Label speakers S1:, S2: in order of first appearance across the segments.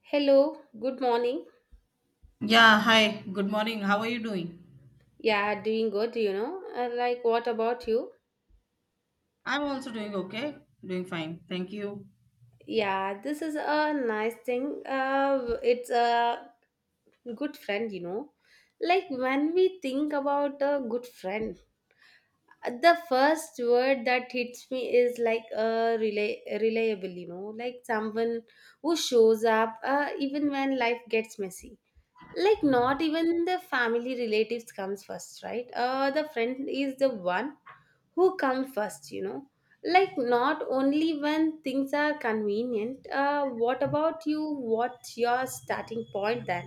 S1: Hello, good morning.
S2: Yeah, hi. Good morning. How are you doing?
S1: Yeah, doing good, you know. What about you?
S2: I'm also doing okay. Doing fine. Thank you.
S1: Yeah, this is a nice thing. It's a good friend, you know. Like, when we think about a good friend, the first word that hits me is like a reliable, you know, like someone who shows up even when life gets messy. Like, not even the family relatives comes first, right? The friend is the one who come first, you know, like not only when things are convenient. What about you, what's your starting point then?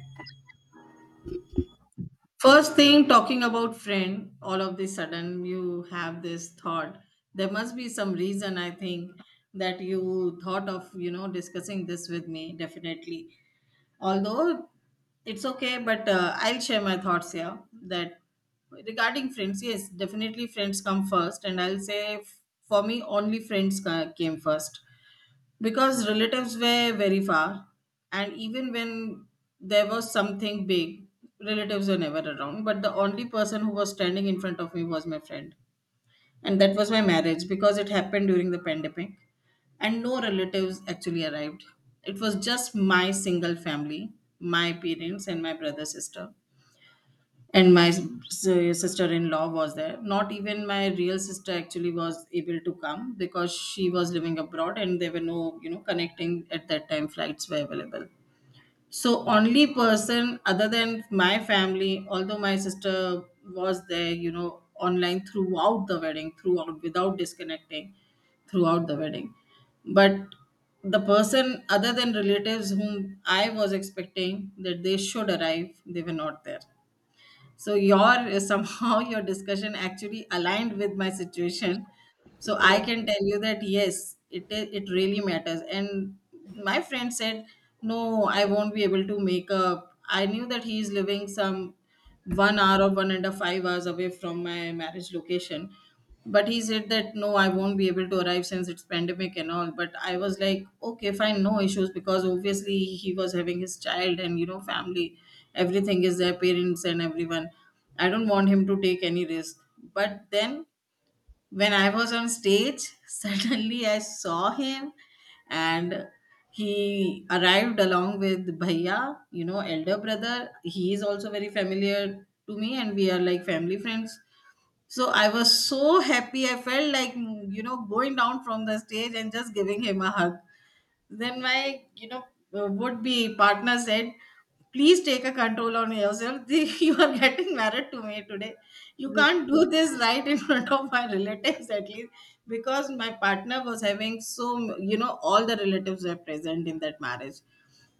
S2: First thing, talking about friend, all of the sudden you have this thought. There must be some reason, I think, that you thought of, discussing this with me, definitely. Although it's okay, but I'll share my thoughts here that regarding friends, yes, definitely friends come first. And I'll say, for me, only friends came first, because relatives were very far. And even when there was something big, relatives were never around, but the only person who was standing in front of me was my friend. And that was my marriage, because it happened during the pandemic, and no relatives actually arrived. It was just my single family, my parents and my brother, sister, and my sister-in-law was there. Not even my real sister actually was able to come, because she was living abroad and there were no connecting at that time, flights were available. So only person other than my family, although my sister was there, online throughout the wedding, throughout without disconnecting, throughout the wedding. But the person other than relatives whom I was expecting that they should arrive, they were not there. So your somehow your discussion actually aligned with my situation. So I
S1: Yeah.
S2: can tell you that yes, it really matters. And my friend said, no, I won't be able to make up. I knew that he is living some 1 hour or one and a 5 hours away from my marriage location. But he said that no, I won't be able to arrive since it's pandemic and all, but I was like, okay, fine, no issues, because obviously he was having his child and family, everything is their parents and everyone. I don't want him to take any risk. But then when I was on stage suddenly I saw him, and he arrived along with bhaiya, elder brother. He is also very familiar to me, and we are like family friends. So I was so happy. I felt like, going down from the stage and just giving him a hug. Then my, would be partner said, please take a control on yourself. You are getting married to me today. You can't do this right in front of my relatives at least, because my partner was having so, all the relatives were present in that marriage.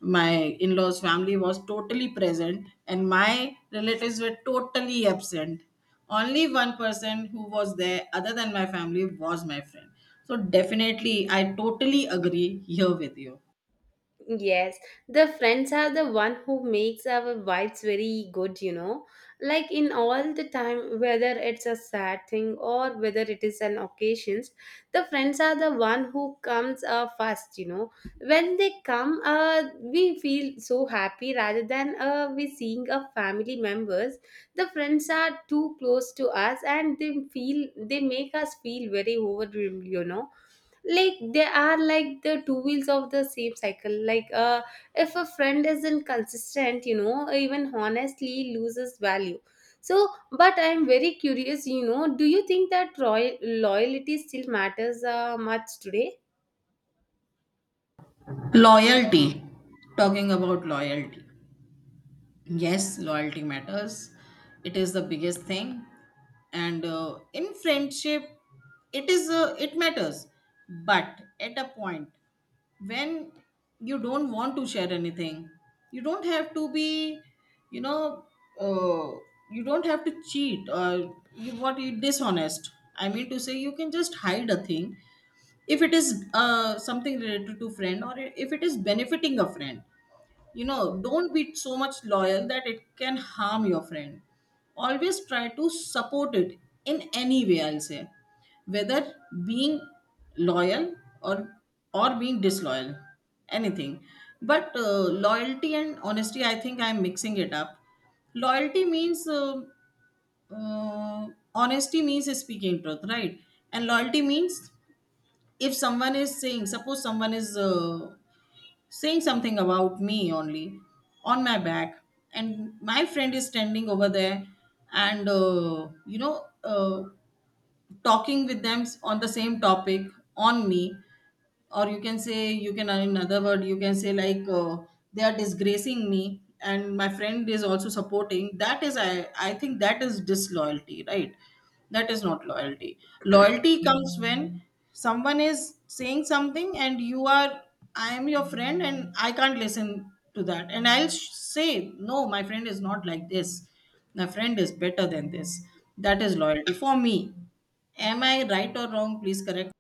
S2: My in-laws family was totally present, and my relatives were totally absent. Only one person who was there other than my family was my friend. So definitely I totally agree here with you.
S1: Yes, the friends are the one who makes our vibes very good, you know. Like in all the time, whether it's a sad thing or whether it is an occasions, the friends are the one who comes first, you know. When they come, we feel so happy rather than we seeing a family members. The friends are too close to us and they feel they make us feel very overwhelmed, you know, like they are like the two wheels of the same cycle. If a friend isn't consistent, you know, even honestly loses value. So, but I'm very curious, you know, do you think that loyalty still matters much today?
S2: Loyalty. Talking about loyalty, yes, loyalty matters. It is the biggest thing. And in friendship, it matters. But at a point, when you don't want to share anything, you don't have to be, you know uh, you don't have to cheat or you what you dishonest. I mean to say, you can just hide a thing, if it is something related to friend, or if it is benefiting a friend. Don't be so much loyal that it can harm your friend. Always try to support it, in any way, I'll say, whether being loyal, or or being disloyal, anything. But loyalty and honesty, I think I'm mixing it up. Loyalty means, uh, honesty means speaking truth, right? And loyalty means, if someone is saying, suppose someone is saying something about me only, on my back, and my friend is standing over there and talking with them on the same topic on me. Or you can say, you can in another word you can say, like, they are disgracing me and my friend is also supporting, that is, I think that is disloyalty, right? That is not loyalty. Loyalty comes when someone is saying something and you are, I am your friend and I can't listen to that, and I'll say, no, my friend is not like this, my friend is better than this. That is loyalty for me. Am I right or wrong? Please correct.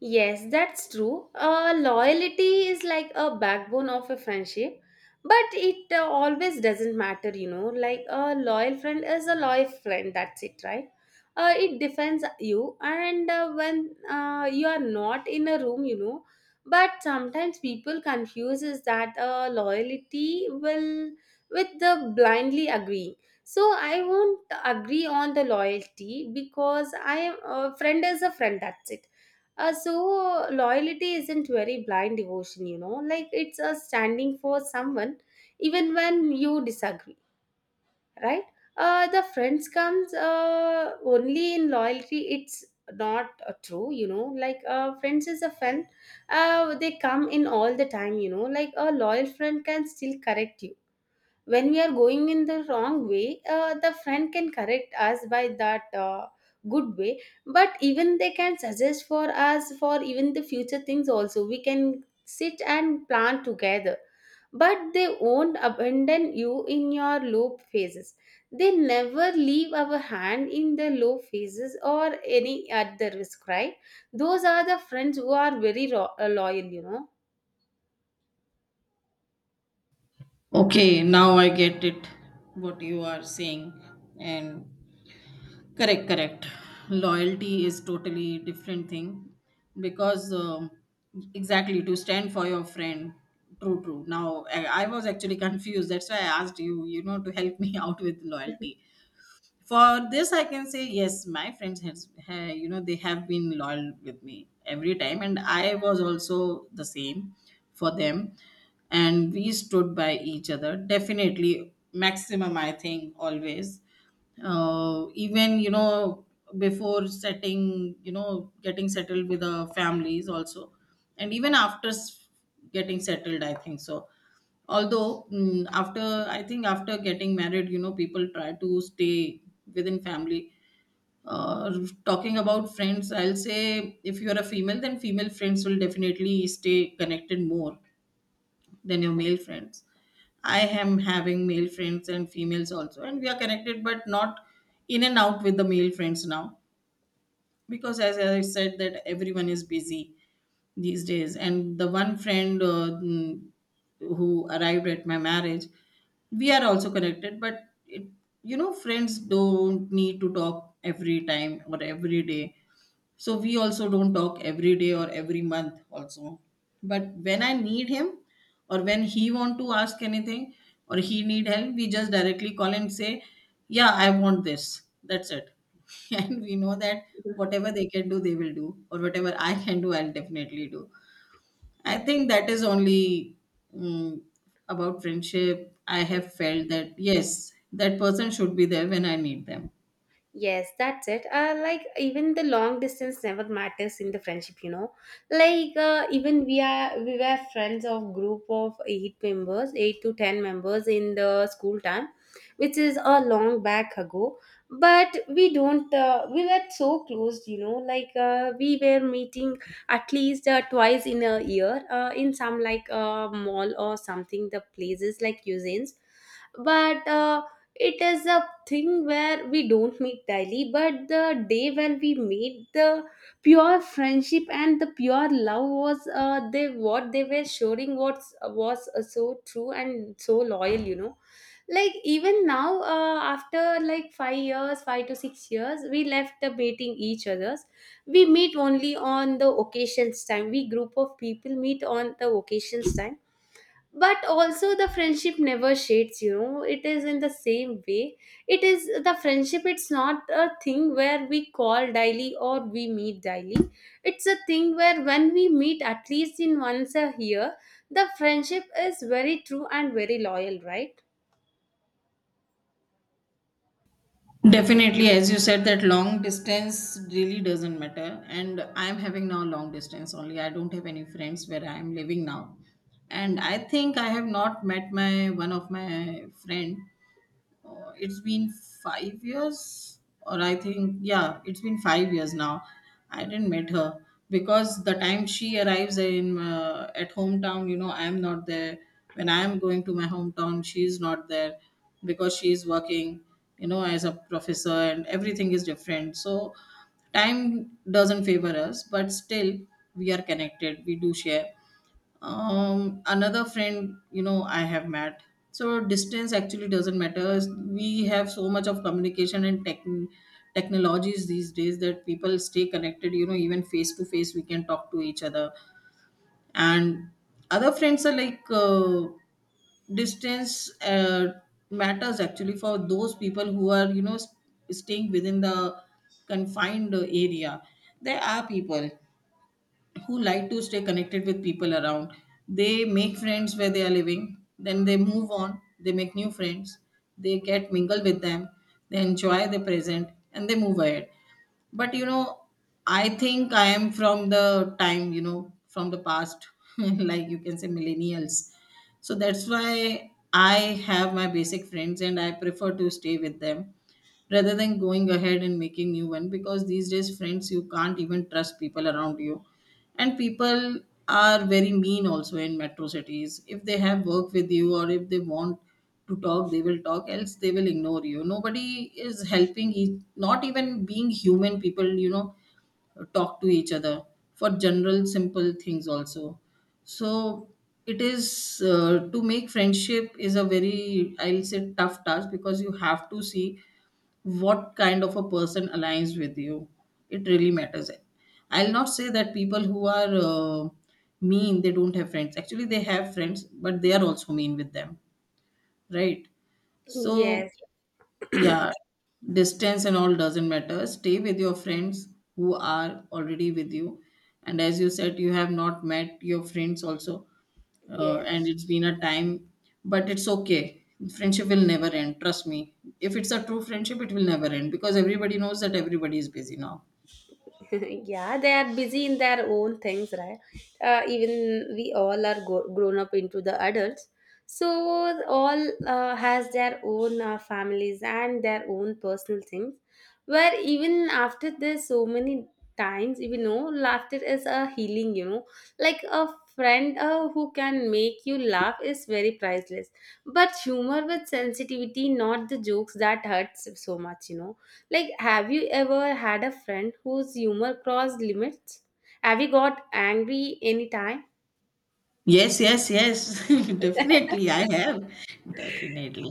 S1: Yes, that's true. Loyalty is like a backbone of a friendship, but it always doesn't matter, you know. Like a loyal friend is a loyal friend, that's it, right? It defends you, and when you are not in a room, you know. But sometimes people confuses that loyalty will with the blindly agreeing. So I won't agree on the loyalty because I am a friend is a friend. That's it. So loyalty isn't very blind devotion, you know, like it's a standing for someone even when you disagree, right? The friends comes only in loyalty. It's not true, you know. Like friends is a friend. They come in all the time, you know. Like a loyal friend can still correct you when we are going in the wrong way. The friend can correct us by that good way, but even they can suggest for us for even the future things also. We can sit and plan together, but they won't abandon you in your low phases. They never leave our hand in the low phases or any at the risk, right? Those are the friends who are very loyal, you know.
S2: Okay, now I get it what you are saying, and correct, correct, loyalty is totally different thing, because exactly to stand for your friend. True, true. Now I was actually confused, that's why I asked you, you know to help me out with loyalty. For this, I can say, yes, my friends has, they have been loyal with me every time, and I was also the same for them. And we stood by each other, definitely, maximum I think always. Even, before setting, getting settled with the families also. And even after getting settled, I think so. Although, after, I think, after getting married, people try to stay within family. uh, Talking about friends, I'll say, if you're a female, then female friends will definitely stay connected more than your male friends. I am having male friends and females also, and we are connected, but not in and out with the male friends now, because, as I said, that everyone is busy these days. And the one friend, who arrived at my marriage, we are also connected, but it, friends don't need to talk every time or every day. So we also don't talk every day or every month also. But when I need him, or when he want to ask anything or he need help, we just directly call and say, yeah, I want this. That's it. And we know that whatever they can do, they will do. Or whatever I can do, I'll definitely do. I think that is only, mm about friendship. I have felt that yes, that person should be there when I need them.
S1: Yes, that's it. Like even the long distance never matters in the friendship, you know. Like even we were friends of group of eight members, eight to ten members in the school time, which is a long back ago. But we don't. We were so close, you know. Like we were meeting at least twice in a year in some mall or something. The places like cuisines, but. It is a thing where we don't meet daily, but the day when we meet the pure friendship and the pure love was they what they were showing was so true and so loyal, you know. Like even now after like 5 years 5 to 6 years we left the meeting each others. We meet only on the occasions time. We group of people meet on the occasions time, but also the friendship never shades, you know. It is in the same way. It is the friendship, it's not a thing where we call daily or we meet daily. It's a thing where when we meet at least in once a year, the friendship is very true and very loyal, right?
S2: Definitely, as you said, that long distance really doesn't matter. And I'm having now long distance only. I don't have any friends where I'm living now. And I think I have not met my one of my friend, it's been 5 years, or I think, yeah, it's been 5 years now. I didn't meet her, because the time she arrives in at hometown, I am not there. When I am going to my hometown, she is not there, because she is working, as a professor, and everything is different. So time doesn't favor us, but still we are connected, we do share. Another friend, I have met. So distance actually doesn't matter. We have so much of communication and tech technologies these days that people stay connected, even face to face we can talk to each other. And other friends are like, distance, matters actually for those people who are, staying within the confined area. There are people who like to stay connected with people around. They make friends where they are living, then they move on, they make new friends, they get mingle with them, they enjoy the present, and they move ahead. But you know, I think I am from the time, from the past, like you can say millennials. So that's why I have my basic friends and I prefer to stay with them, rather than going ahead and making new one, because these days friends you can't even trust people around you. And people are very mean also in metro cities. If they have work with you or if they want to talk they will talk, else they will ignore you. Nobody is helping each, not even being human, people, talk to each other for general simple things also. So it is, to make friendship is a very, I'll say, tough task, because you have to see what kind of a person aligns with you. It really matters. I'll not say that people who are, uh, mean, they don't have friends, actually they have friends, but they are also mean with them, right? So,
S1: Yes.
S2: yeah, distance and all doesn't matter, stay with your friends who are already with you. And as you said, you have not met your friends also,
S1: Yes.
S2: and it's been a time. But it's okay, friendship will never end, trust me. If it's a true friendship, it will never end, because everybody knows that everybody is busy now.
S1: Yeah, they are busy in their own things, right? Even we all are grown up into the adults. So all has their own families and their own personal things. Where even after this, so many times, you know, laughter is a healing. You know, like a friend who can make you laugh is very priceless. But humor with sensitivity, not the jokes that hurts so much. You know, like, have you ever had a friend whose humor crossed limits? Have you got angry anytime?
S2: Yes, yes, yes, definitely I have. Definitely.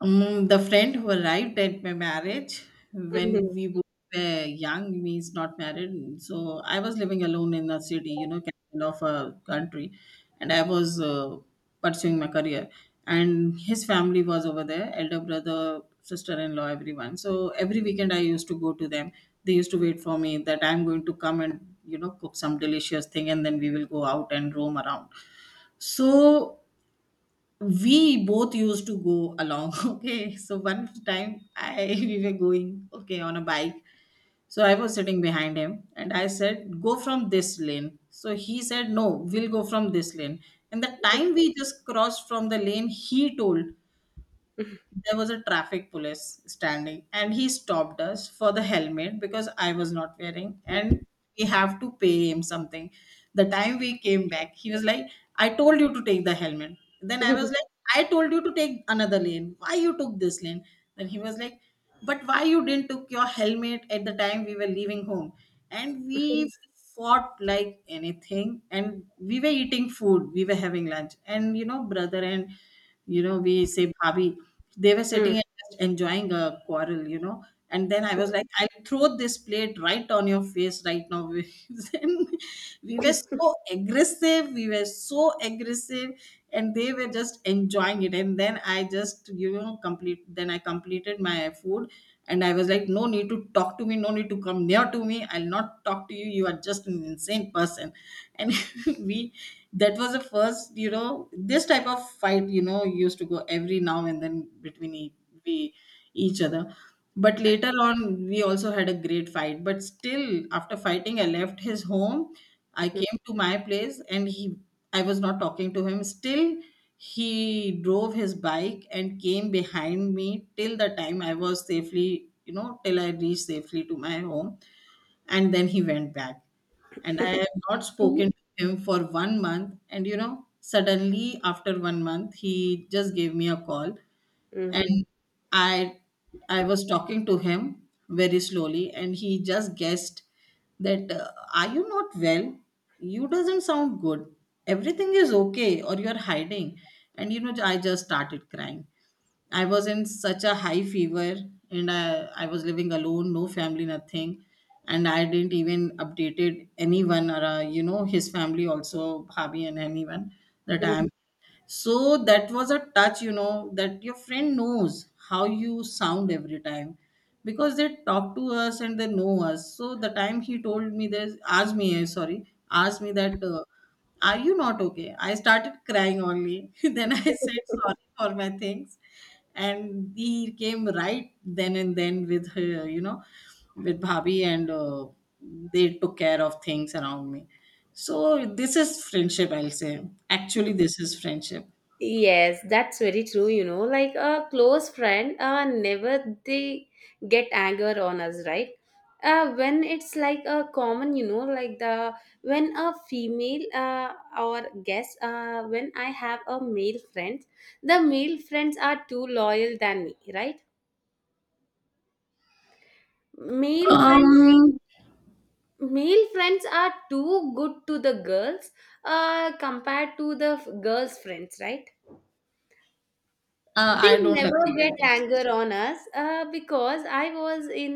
S2: The friend who arrived at my marriage, when we both were young, me is not married. So I was living alone in a city, capital of a country, and I was pursuing my career. And his family was over there, elder brother, sister-in-law, everyone. So every weekend I used to go to them. They used to wait for me that I'm going to come and cook some delicious thing, and then we will go out and roam around. So we both used to go along. Okay, so one time I we were going, okay, on a bike. So I was sitting behind him, and I said, go from this lane. So he said, no, we'll go from this lane. And the time we just crossed from the lane, he told, there was a traffic police standing, and he stopped us for the helmet because I was not wearing, and we have to pay him something. The time we came back, he was like, I told you to take the helmet. Then I was like, I told you to take another lane. Why you took this lane? Then he was like, but why you didn't took your helmet at the time we were leaving home? And we fought like anything, and we were eating food. We were having lunch, and you know, brother and we say "Bhabi," they were sitting
S1: Mm.
S2: and just enjoying a quarrel, you know. And then I was like, I'll throw this plate right on your face right now. Then we were so aggressive, we were so aggressive, and they were just enjoying it. And then I just completed my food. And I was like, no need to talk to me, no need to come near to me, I'll not talk to you, you are just an insane person. And we that was the first, you know, this type of fight, you know, used to go every now and then between e- we each other. But later on, we also had a great fight. But still, after fighting, I left his home. I
S1: Mhm.
S2: came to my place, and he I was not talking to him still. He drove his bike and came behind me till the time I was safely, you know, till I reached safely to my home. And then he went back. And I have not
S1: See?
S2: spoken to him for 1 month. And you know, suddenly after 1 month, he just gave me a call,
S1: Mhm.
S2: and I I was talking to him very slowly, and he just guessed that are you not well? You doesn't sound good. Everything is okay, or you are hiding. And you know, I just started crying. I was in such a high fever, and I was living alone, no family, nothing. And I didn't even updated anyone or, you know, his family also, Bhabi and anyone that I am. So that was a touch, you know, that your friend knows how you sound every time, because they talk to us and they know us. So the time he told me this, asked me, sorry, asked me that, are you not okay? I started crying only. Then I said sorry for my things, and he came right then and then with her, you know, with Bhabi, and they took care of things around me. So this is friendship, I'll say. Actually, this is friendship.
S1: Yes, that's very true, you know. Like a close friend, never they get anger on us, right? When it's like a common, you know, like the when a female or guest, when I have a male friend, the male friends are too loyal than me, right? Male friend,
S2: Um,
S1: male friends are too good to the girls, compared to the girls' friends, right? They
S2: I don't
S1: never
S2: agree with
S1: get
S2: this.
S1: anger on us uh, because i was in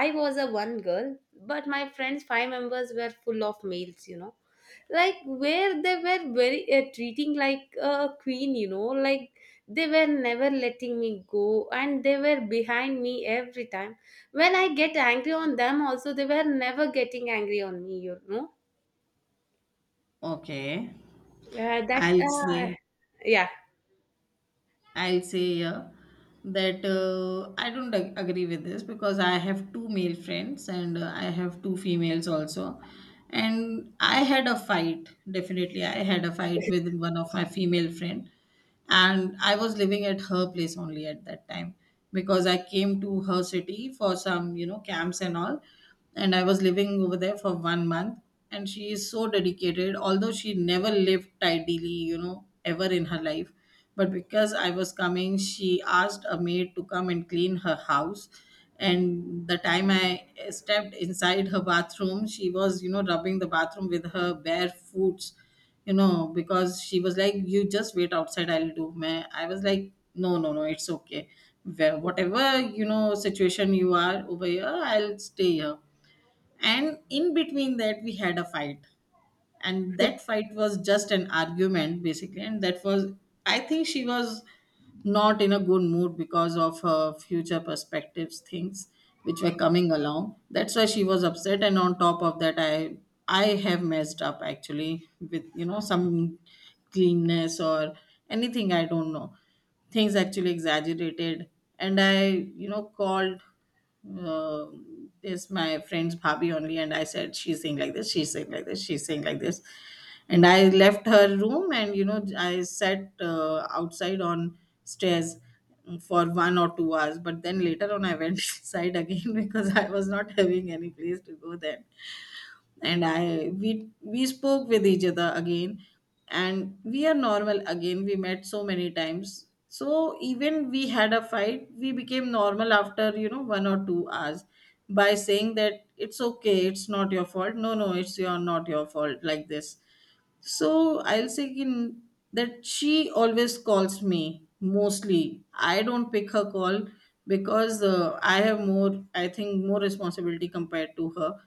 S1: i was a one girl, but my friends five members were full of males, you know, like where they were very treating like a queen, you know, like they were never letting me go and they were behind me every time. When I get angry on them also, they were never getting angry on me, you know.
S2: Okay,
S1: That
S2: I'll say.
S1: Yeah.
S2: I'll say yeah that I don't agree with this because I have two male friends, and I have two females also. And I had a fight, definitely. I had a fight with one of my female friend, and I was living at her place only at that time because I came to her city for some, you know, camps and all. And I was living over there for 1 month. And she is so dedicated, although she never lived tidily, you know, ever in her life, but because I was coming, she asked a maid to come and clean her house. And the time I stepped inside her bathroom, she was, you know, rubbing the bathroom with her bare feet, you know, because she was like, you just wait outside, I'll do. Man, I was like, no, no, no, it's okay. Whatever, you know, situation you are over here, I'll stay here. And in between that, we had a fight, and that fight was just an argument basically. And that was, I think she was not in a good mood because of her future perspectives things which were coming along. That's why she was upset, and on top of that, I have messed up actually with, you know, some cleanness or anything, I don't know, things actually exaggerated. And I, you know, called this my friend's Bhabi only, and I said she's saying like this, she's saying like this, she's saying like this, and I left her room. And you know, I sat outside on stairs for 1 or 2 hours, but then later on I went inside again because I was not having any place to go then. And I we spoke with each other again. And we are normal again, we met so many times. So even we had a fight, we became normal after you know 1 or 2 hours, by saying that it's okay, it's not your fault, no, no, it's your not your fault, like this. So I'll say that she always calls me mostly. I don't pick her call because I have more, I think, more responsibility compared to her.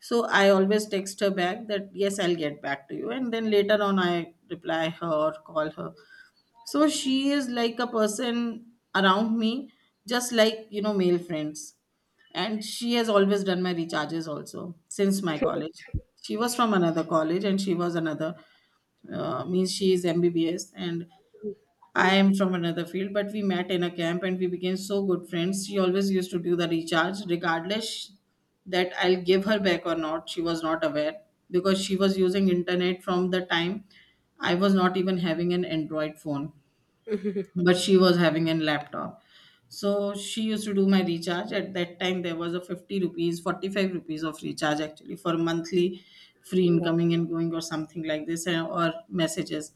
S2: So I always text her back that yes, I'll get back to you, and then later on I reply her or call her. So she is like a person around me, just like you know, male friends. And she has always done my recharges also since my college. She was from another college, and she was another means she is MBBS, and I am
S1: Mhm.
S2: from another field, but we met in a camp and we became so good friends. She always used to do the recharge, regardless that I'll give her back or not. She was not aware because she was using internet from the time I was not even having an Android phone, but she was having a laptop. So she used to do my recharge. At that time, there was a ₹50, ₹45 of recharge actually for monthly free
S1: Yeah.
S2: incoming and going or something like this, or messages.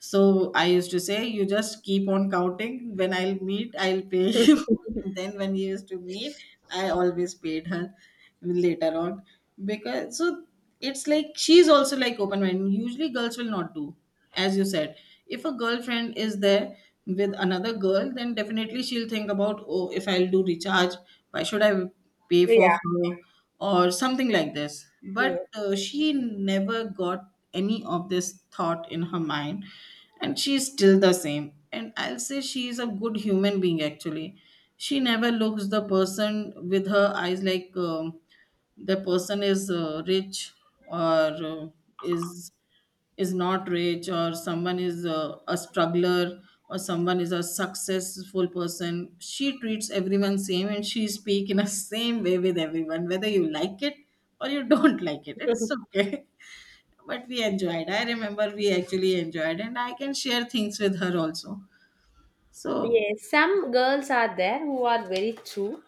S2: So I used to say, you just keep on counting. When I'll meet, I'll pay you. And then when we used to meet, I always paid her later on. Because so it's like she's also like open minded. Usually girls will not do, as you said. If a girlfriend is there with another girl, then definitely she'll think about, oh, if I'll do recharge, why should I pay for her? Or something like this.
S1: Yeah.
S2: But she never got any of this thought in her mind, and she's still the same. And I'll say she is a good human being actually. She never looks the person with her eyes like the person is rich or uh, is is not rich, or someone is a struggler, or someone is a successful person. She treats everyone same, and she speak in a same way with everyone, whether you like it or you don't like it, it's okay. But we enjoyed, I remember we actually enjoyed, and I can share things with her also. So
S1: Yes, some girls are there who are very true.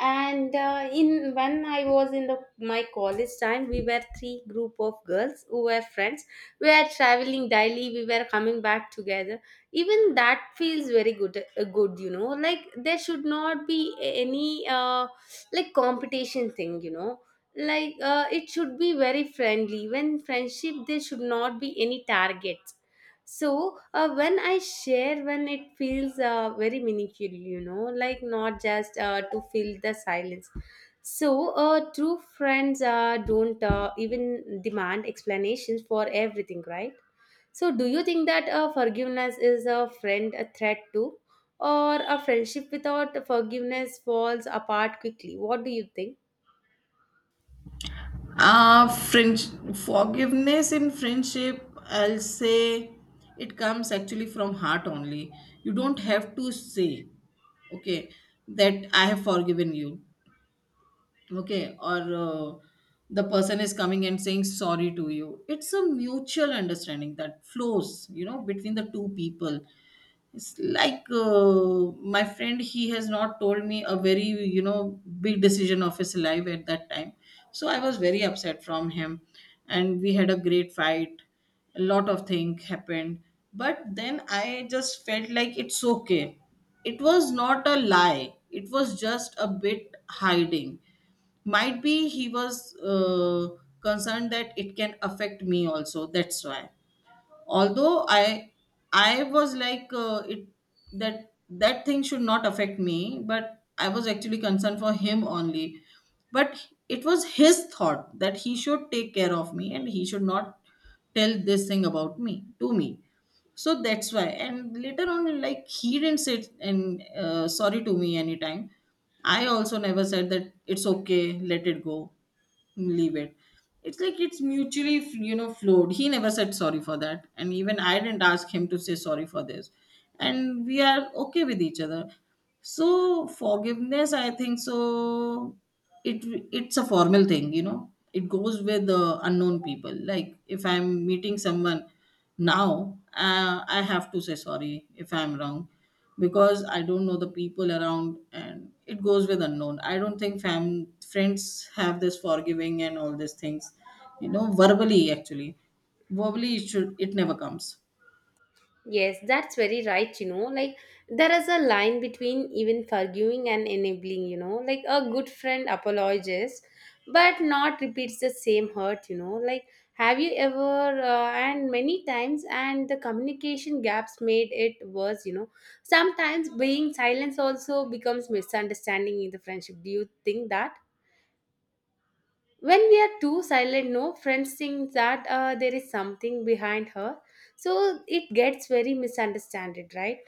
S1: And in when I was in the my college time, we were three group of girls who were friends. We were traveling daily. We were coming back together. Even that feels very good. Good, you know. Like there should not be any like competition thing, you know. Like it should be very friendly. When friendship, there should not be any targets. So when I share, when it feels very meaningful, you know, like not just to fill the silence. So true friends don't even demand explanations for everything, right? So do you think that forgiveness is a friend a threat too, or a friendship without forgiveness falls apart quickly? What do you think?
S2: French forgiveness in friendship, I'll say it comes actually from heart only. You don't have to say, okay, that I have forgiven you, okay, or the person is coming and saying sorry to you. It's a mutual understanding that flows, you know, between the two people. It's like my friend, he has not told me a very, you know, big decision of his life at that time. So I was very upset from him. And we had a great fight. A lot of things happened. But then I just felt like it's okay. It was not a lie, it was just a bit hiding. Might be he was concerned that it can affect me also. That's why although I was like it that thing should not affect me, but I was actually concerned for him only. But it was his thought that he should take care of me, and he should not tell this thing about me to me. So that's why, and later on, like he didn't say and sorry to me anytime. I also never said that it's okay, let it go, leave it. It's like it's mutually you know flowed. He never said sorry for that, and even I didn't ask him to say sorry for this. And we are okay with each other. So forgiveness, I think so, it it's a formal thing, you know, it goes with unknown people. Like if I'm meeting someone now, I have to say sorry if I'm wrong, because I don't know the people around, and it goes with unknown. I don't think fam friends have this forgiving and all these things. You know, verbally actually. Verbally it never comes.
S1: Yes, that's very right, you know. Like, there is a line between even forgiving and enabling, you know. Like, a good friend apologizes, but not repeats the same hurt, you know. Like, have you ever, and many times, and the communication gaps made it worse, you know. Sometimes being silence also becomes misunderstanding in the friendship. Do you think that? When we are too silent, no, friends think that there is something behind her. So it gets very misunderstood, right?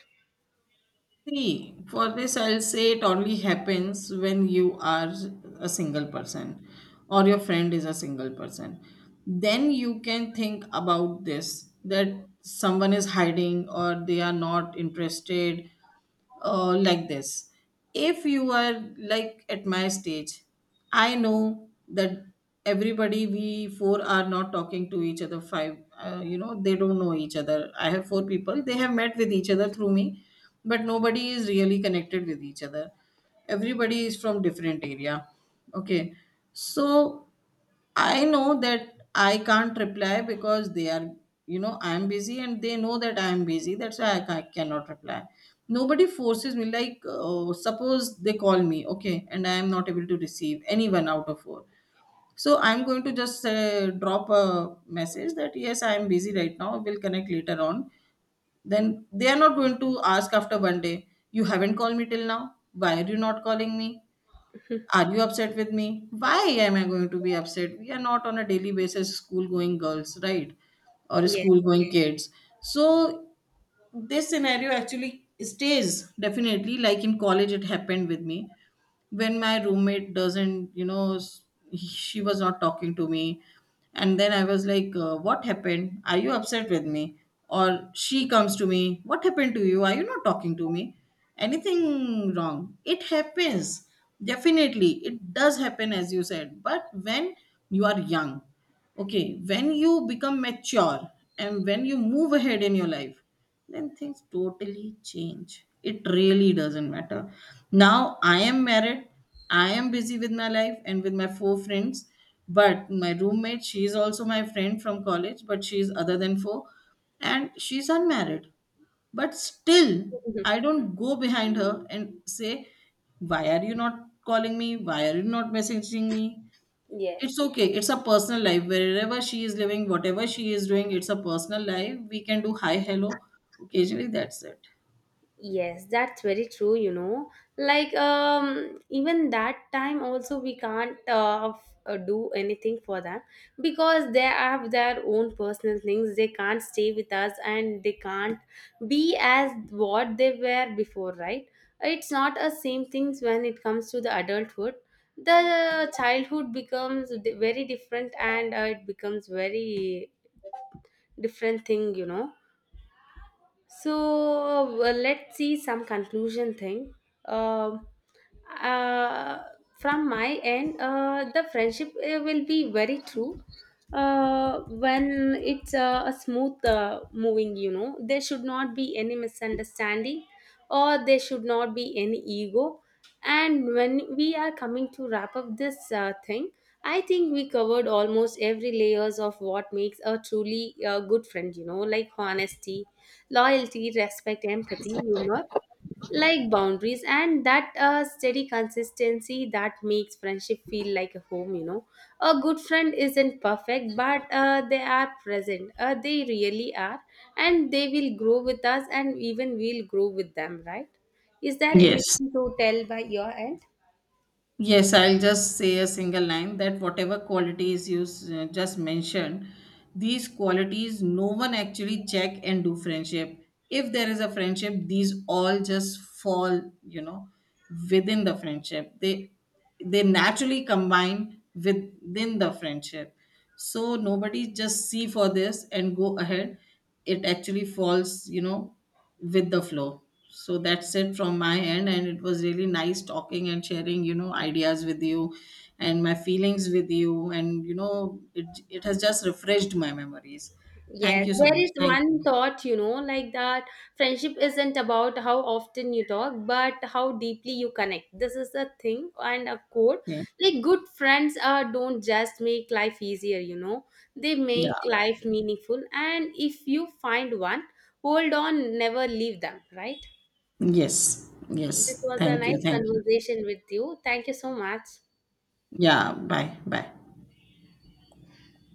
S2: See, for this I'll say it only happens when you are a single person or your friend is a single person. Then you can think about this that someone is hiding or they are not interested, like this, if you are, like, at my stage. I know that everybody, we four are not talking to each other, five. You know, they don't know each other. I have four people, they have met with each other through me, but nobody is really connected with each other. Everybody is from different area. Okay. So I know that I can't reply because they are, you know, I'm busy and they know that I'm busy. That's why I cannot reply. Nobody forces me. Like, suppose they call me, okay, and I am not able to receive anyone out of four. So I'm going to just drop a message that, yes, I am busy right now. We'll connect later on. Then they are not going to ask after one day, you haven't called me till now. Why are you not calling me? Are you upset with me? Why am I going to be upset? We are not on a daily basis school going girls, right? Or
S1: Yes.
S2: school going kids. So this scenario actually stays. Definitely, like in college it happened with me, when my roommate doesn't, she was not talking to me. And then I was like, what happened, are you upset with me? Or she comes to me, what happened to you, are you not talking to me, anything wrong? It happens. Definitely it does happen, as you said, but when you are young. Okay, when you become mature and when you move ahead in your life, then things totally change. It really doesn't matter. Now I am married, I am busy with my life and with my four friends. But my roommate, she is also my friend from college, but she is other than four, and she's unmarried. But still,
S1: Mhm.
S2: I don't go behind her and say, why are you not calling me? Why are you not messaging me? It's
S1: Yes.
S2: okay. It's a personal life. Wherever she is living, whatever she is doing, it's a personal life. We can do hi, hello occasionally. That's it.
S1: Yes, that's very true, you know. Like, um, even that time also we can't do anything for them because they have their own personal things. They can't stay with us and they can't be as what they were before, right? It's not a same things when it comes to the adulthood. The childhood becomes very different and it becomes very different thing, you know. So well, let's see some conclusion thing. Um uh, from my end, the friendship will be very true when it's a smooth moving. You know, there should not be any misunderstanding or there should not be any ego. And when we are coming to wrap up this thing, I think we covered almost every layers of what makes a truly good friend, you know, like honesty, loyalty, respect, empathy, humor, like boundaries and that steady consistency that makes friendship feel like a home, you know. A good friend isn't perfect, but they really are, and they will grow with us and even we'll grow with them, right? Is there
S2: Yes.
S1: anything to tell by your end?
S2: Yes, I'll just say a single line that whatever qualities you just mentioned, these qualities no one actually check and do friendship. If there is a friendship, these all just fall, you know, within the friendship. They naturally combine within the friendship. So nobody just see for this and go ahead. It actually falls, you know, with the flow. So that's it from my end. And it was really nice talking and sharing, you know, ideas with you and my feelings with you. And, you know, it has just refreshed my memories. Thank
S1: Yes,
S2: you so
S1: there
S2: much.
S1: is
S2: Thank
S1: one
S2: you.
S1: thought, you know, like that friendship isn't about how often you talk, but how deeply you connect. This is a thing and a quote.
S2: Okay.
S1: Like good friends don't just make life easier, you know, they make
S2: Yeah.
S1: life meaningful. And if you find one, hold on, never leave them, right?
S2: Yes.
S1: This
S2: Yes.
S1: was a
S2: Thank you.
S1: nice
S2: Thank you.
S1: conversation with you. Thank you so much.
S2: Yeah. Bye. Bye.